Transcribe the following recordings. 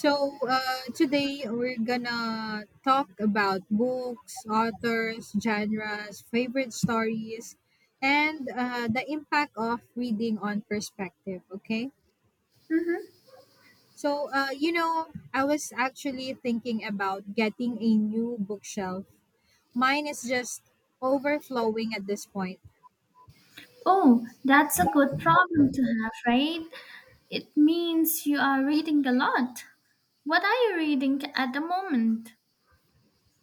Today we're gonna talk about books, authors, genres, favorite stories, and the impact of reading on perspective. Okay. Mm-hmm. So, uh, you know, I was actually thinking about getting a new bookshelf. Mine is just overflowing at this point. Oh, that's a good problem to have, right? It means you are reading a lot. What are you reading at the moment?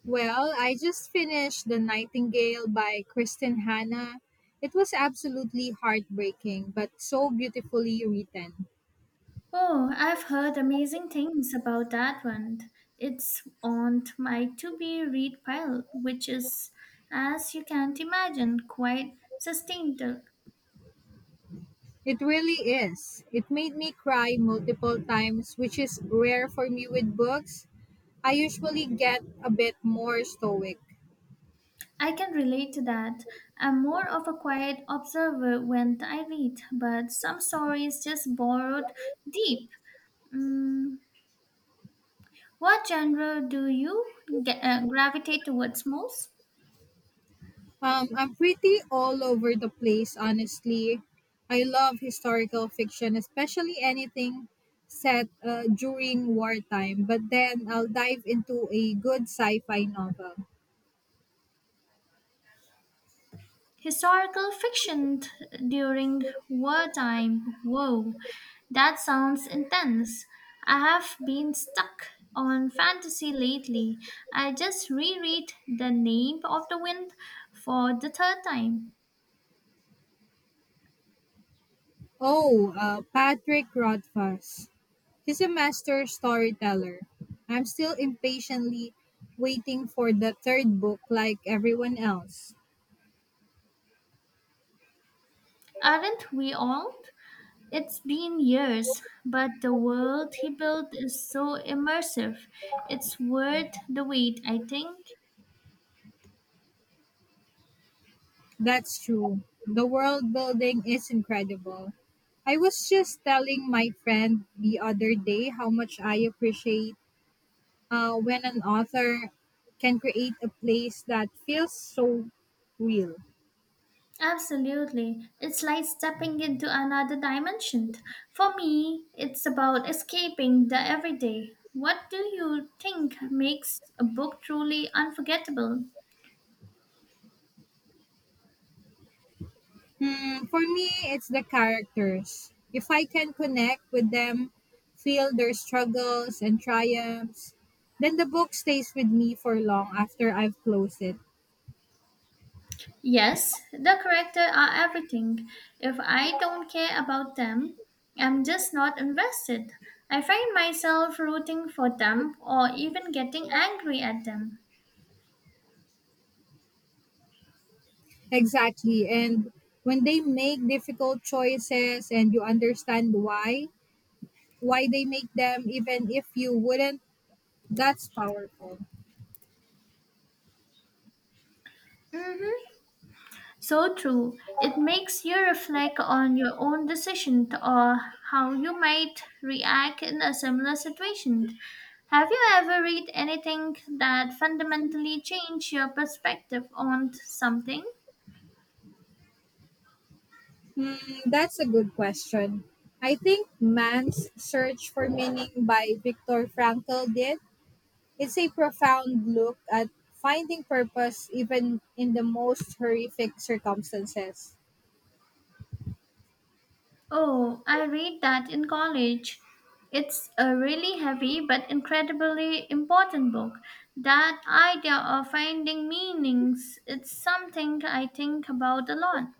Well, I just finished The Nightingale by Kristen Hanna. It was absolutely heartbreaking, but so beautifully written. Oh, I've heard amazing things about that one. It's on my to be read pile, which is, as you can't imagine, quite sustained. It really is. It made me cry multiple times, which is rare for me with books. I usually get a bit more stoic. I can relate to that. I'm more of a quiet observer when I read, but some stories just borrowed deep. Mm, What genre do you gravitate towards most? I'm pretty all over the place, honestly. I love historical fiction, especially anything set during wartime, but then I'll dive into a good sci fi novel. Historical fiction during wartime. Whoa, that sounds intense. I have been stuck on fantasy lately. I just reread The Name of the Wind for the third time. Oh, Patrick Rothfuss. He's a master storyteller. I'm still impatiently waiting for the third book, like everyone else. Aren't we all? It's been years, but the world he built is so immersive. It's worth the wait, I think. That's true. The world building is incredible. I was just telling my friend the other day how much I appreciate when an author can create a place that feels so real. Absolutely. It's like stepping into another dimension. For me, it's about escaping the everyday. What do you think makes a book truly unforgettable? Hmm, for me, it's the characters. If I can connect with them, feel their struggles and triumphs, then the book stays with me for long after I've closed it. Yes, the characters are everything. If I don't care about them, I'm just not invested. I find myself rooting for them or even getting angry at them. Exactly. And when they make difficult choices and you understand why they make them, even if you wouldn't, that's powerful. Mm-hmm. So true. It makes you reflect on your own decision or how you might react in a similar situation. Have you ever read anything that fundamentally changed your perspective on something? Hmm, that's a good question. I think Man's Search for Meaning by Viktor Frankl did. It's a profound look at finding purpose even in the most horrific circumstances. Oh, I read that in college. It's a really heavy but incredibly important book. That idea of finding meanings, it's something I think about a lot.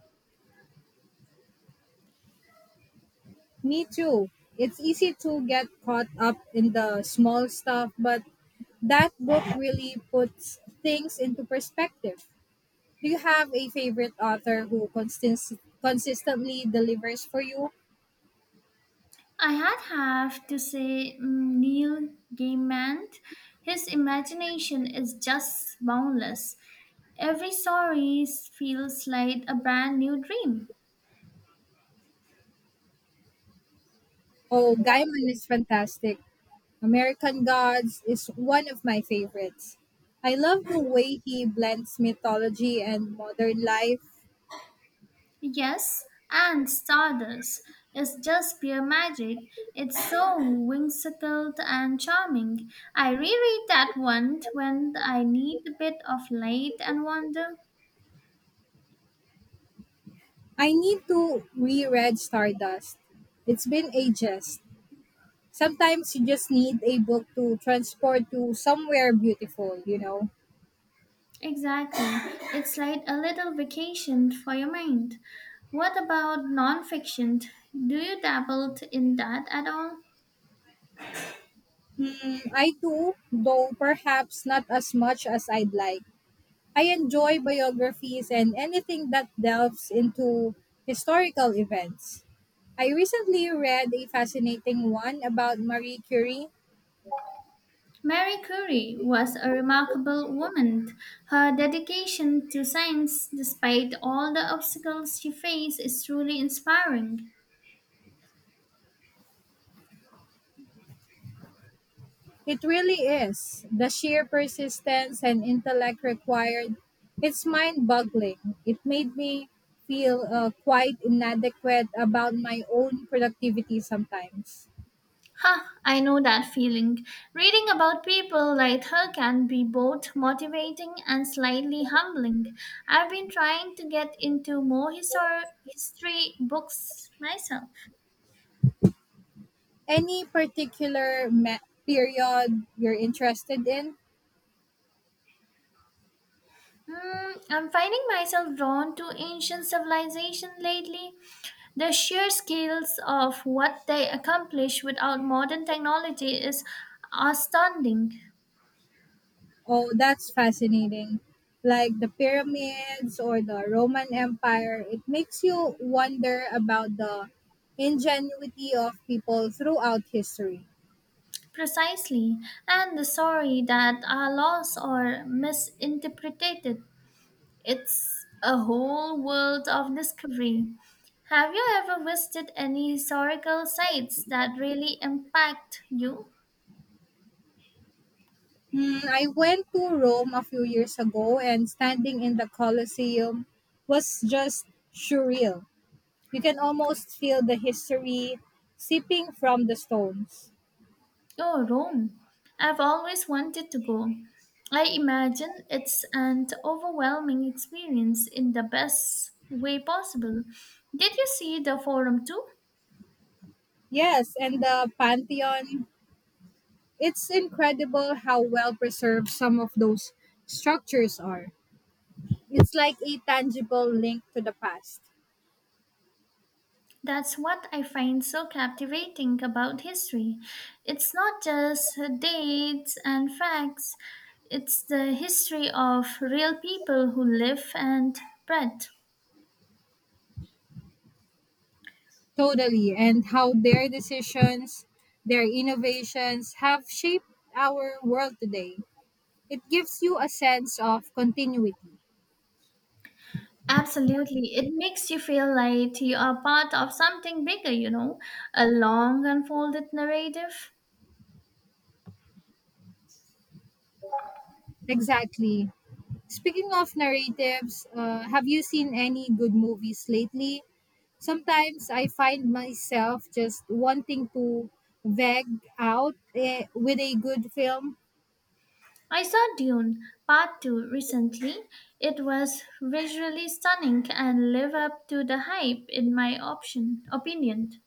Me too. It's easy to get caught up in the small stuff, but that book really puts things into perspective. Do you have a favorite author who consistently delivers for you? I had have to say Neil Gaiman, his imagination is just boundless. Every story feels like a brand new dream. Oh, Gaiman is fantastic. American Gods is one of my favorites. I love the way he blends mythology and modern life. Yes, and Stardust is just pure magic. It's so whimsical and charming. I reread that one when I need a bit of light and wonder. I need to reread Stardust. It's been ages. Sometimes you just need a book to transport you somewhere beautiful. Exactly. It's like a little vacation for your mind. What about nonfiction? Do you dabble in that at all? Hmm, I too, though perhaps not as much as I'd like. I enjoy biographies and anything that delves into historical events. I recently read a fascinating one about Marie Curie. Marie Curie was a remarkable woman. Her dedication to science, despite all the obstacles she faced, is truly inspiring. It really is. The sheer persistence and intellect required. It's mind boggling. It made me feel quite inadequate about my own productivity sometimes. Ha, I know that feeling. Reading about people like her can be both motivating and slightly humbling. I've been trying to get into more history books myself. Any particular period you're interested in? I'm finding myself drawn to ancient civilization lately. The sheer scales of what they accomplish without modern technology is astounding. Oh, that's fascinating. Like the pyramids or the Roman Empire, it makes you wonder about the ingenuity of people throughout history. Precisely, and the sorry that are lost or misinterpreted. It's a whole world of discovery. Have you ever visited any historical sites that really impact you? Mm, I went to Rome a few years ago, and standing in the Colosseum was just surreal. You can almost feel the history seeping from the stones. Oh, Rome. I've always wanted to go. I imagine it's an overwhelming experience in the best way possible. Did you see the forum too? Yes, and the Pantheon. It's incredible how well preserved some of those structures are. It's like a tangible link to the past. That's what I find so captivating about history. It's not just dates and facts, it's the history of real people who live and breathe. Totally, and how their decisions, their innovations have shaped our world today. It gives you a sense of continuity. Absolutely. It makes you feel like you are part of something bigger, a long unfolded narrative. Exactly. Speaking of narratives, have you seen any good movies lately? Sometimes I find myself just wanting to veg out with a good film. I saw Dune Part 2 recently. It was visually stunning and live up to the hype in my option opinion.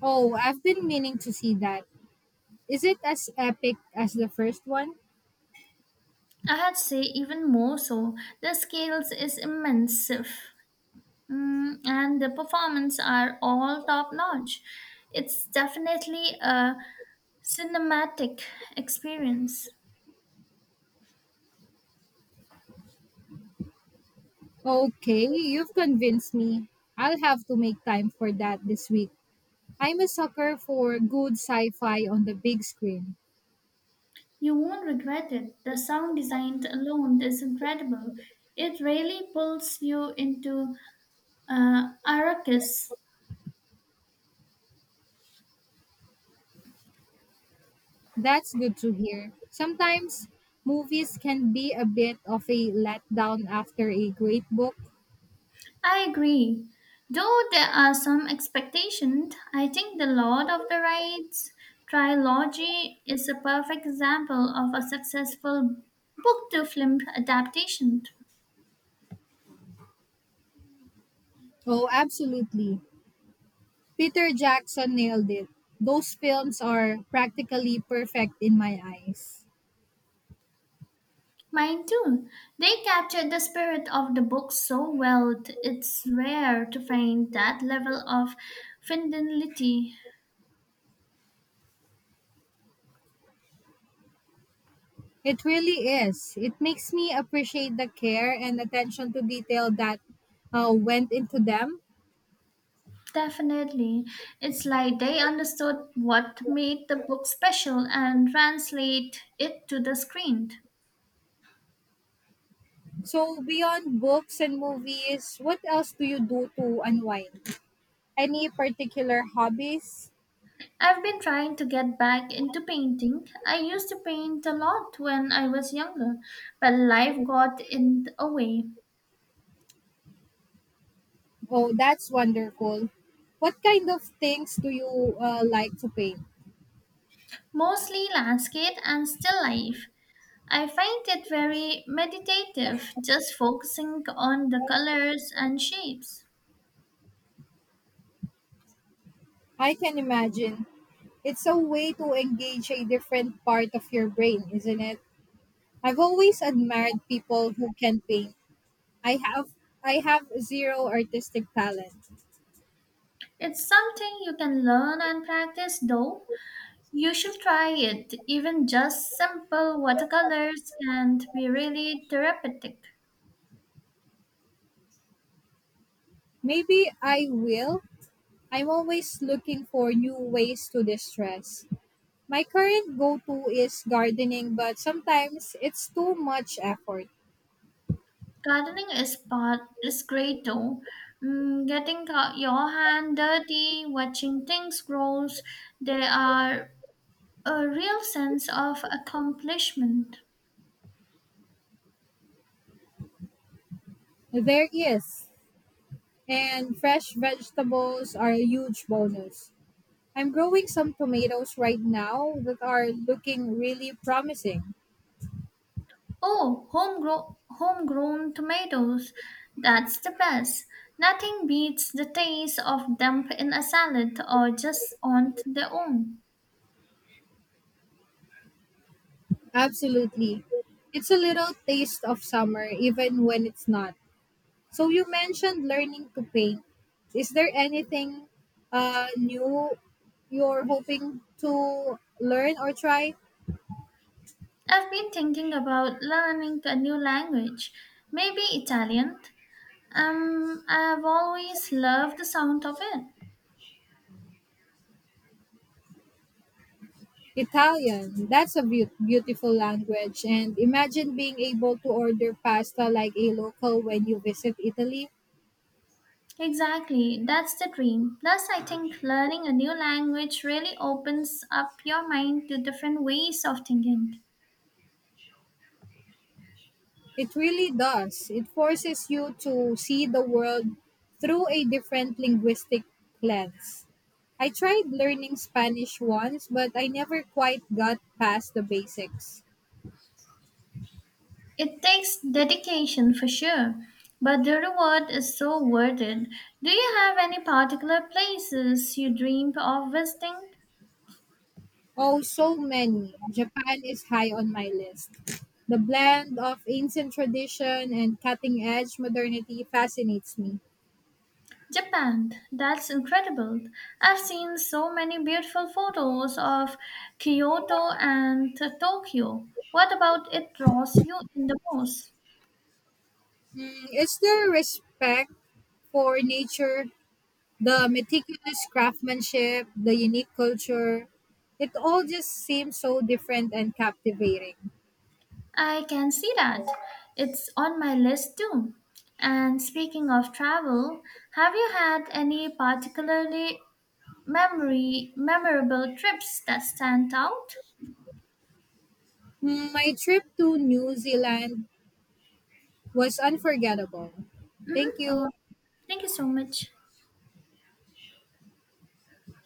Oh, I've been meaning to see that. Is it as epic as the first one? I had say even more so. The scales is immense, and the performance are all top notch. It's definitely a cinematic experience. Okay, you've convinced me. I'll have to make time for that this week. I'm a sucker for good sci fi on the big screen. You won't regret it. The sound design alone is incredible. It really pulls you into Arrakis. That's good to hear. Sometimes movies can be a bit of a letdown after a great book. I agree. Though there are some expectations, I think The Lord of the Rings trilogy is a perfect example of a successful book to film adaptation. Oh, absolutely. Peter Jackson nailed it. Those films are practically perfect in my eyes. Mine too. They captured the spirit of the book so well, it's rare to find that level of fidelity. It really is. It makes me appreciate the care and attention to detail that went into them. Definitely. It's like they understood what made the book special and translate it to the screen. So, beyond books and movies, what else do you do to unwind? Any particular hobbies? I've been trying to get back into painting. I used to paint a lot when I was younger, but life got in the way. Oh, that's wonderful. What kind of things do you like to paint? Mostly landscape and still life. I find it very meditative, just focusing on the colors and shapes. I can imagine. It's a way to engage a different part of your brain, isn't it? I've always admired people who can paint. I have I have zero artistic talent. It's something you can learn and practice though. You should try it. Even just simple watercolors can be really therapeutic. Maybe I will. I'm always looking for new ways to distress. My current go-to is gardening, but sometimes it's too much effort. Gardening is great though. Getting your hand dirty, watching things grows, there are a real sense of accomplishment. There is. And fresh vegetables are a huge bonus. I'm growing some tomatoes right now that are looking really promising. Oh, homegrown tomatoes, that's the best. Nothing beats the taste of them in a salad or just on their own. Absolutely. It's a little taste of summer even when it's not. So you mentioned learning to paint. Is there anything new you're hoping to learn or try? I've been thinking about learning a new language, maybe Italian. I've always loved the sound of it. Italian. That's a beautiful language. And imagine being able to order pasta like a local when you visit Italy. Exactly, that's the dream. Plus, I think learning a new language really opens up your mind to different ways of thinking. It really does. It forces you to see the world through a different linguistic lens. I tried learning Spanish once, but I never quite got past the basics. It takes dedication for sure, but the reward is so worth it. Do you have any particular places you dream of visiting? Oh, so many. Japan is high on my list. The blend of ancient tradition and cutting edge modernity fascinates me. Japan, that's incredible. I've seen so many beautiful photos of Kyoto and Tokyo. What about it draws you in the most? Mm, is there respect for nature. The meticulous craftsmanship, the unique culture, it all just seems so different and captivating. I can see that. It's on my list too. And speaking of travel, have you had any particularly memory memorable trips that stand out? Hmm, my trip to New Zealand was unforgettable. Thank Hmm. you. Oh, thank you so much.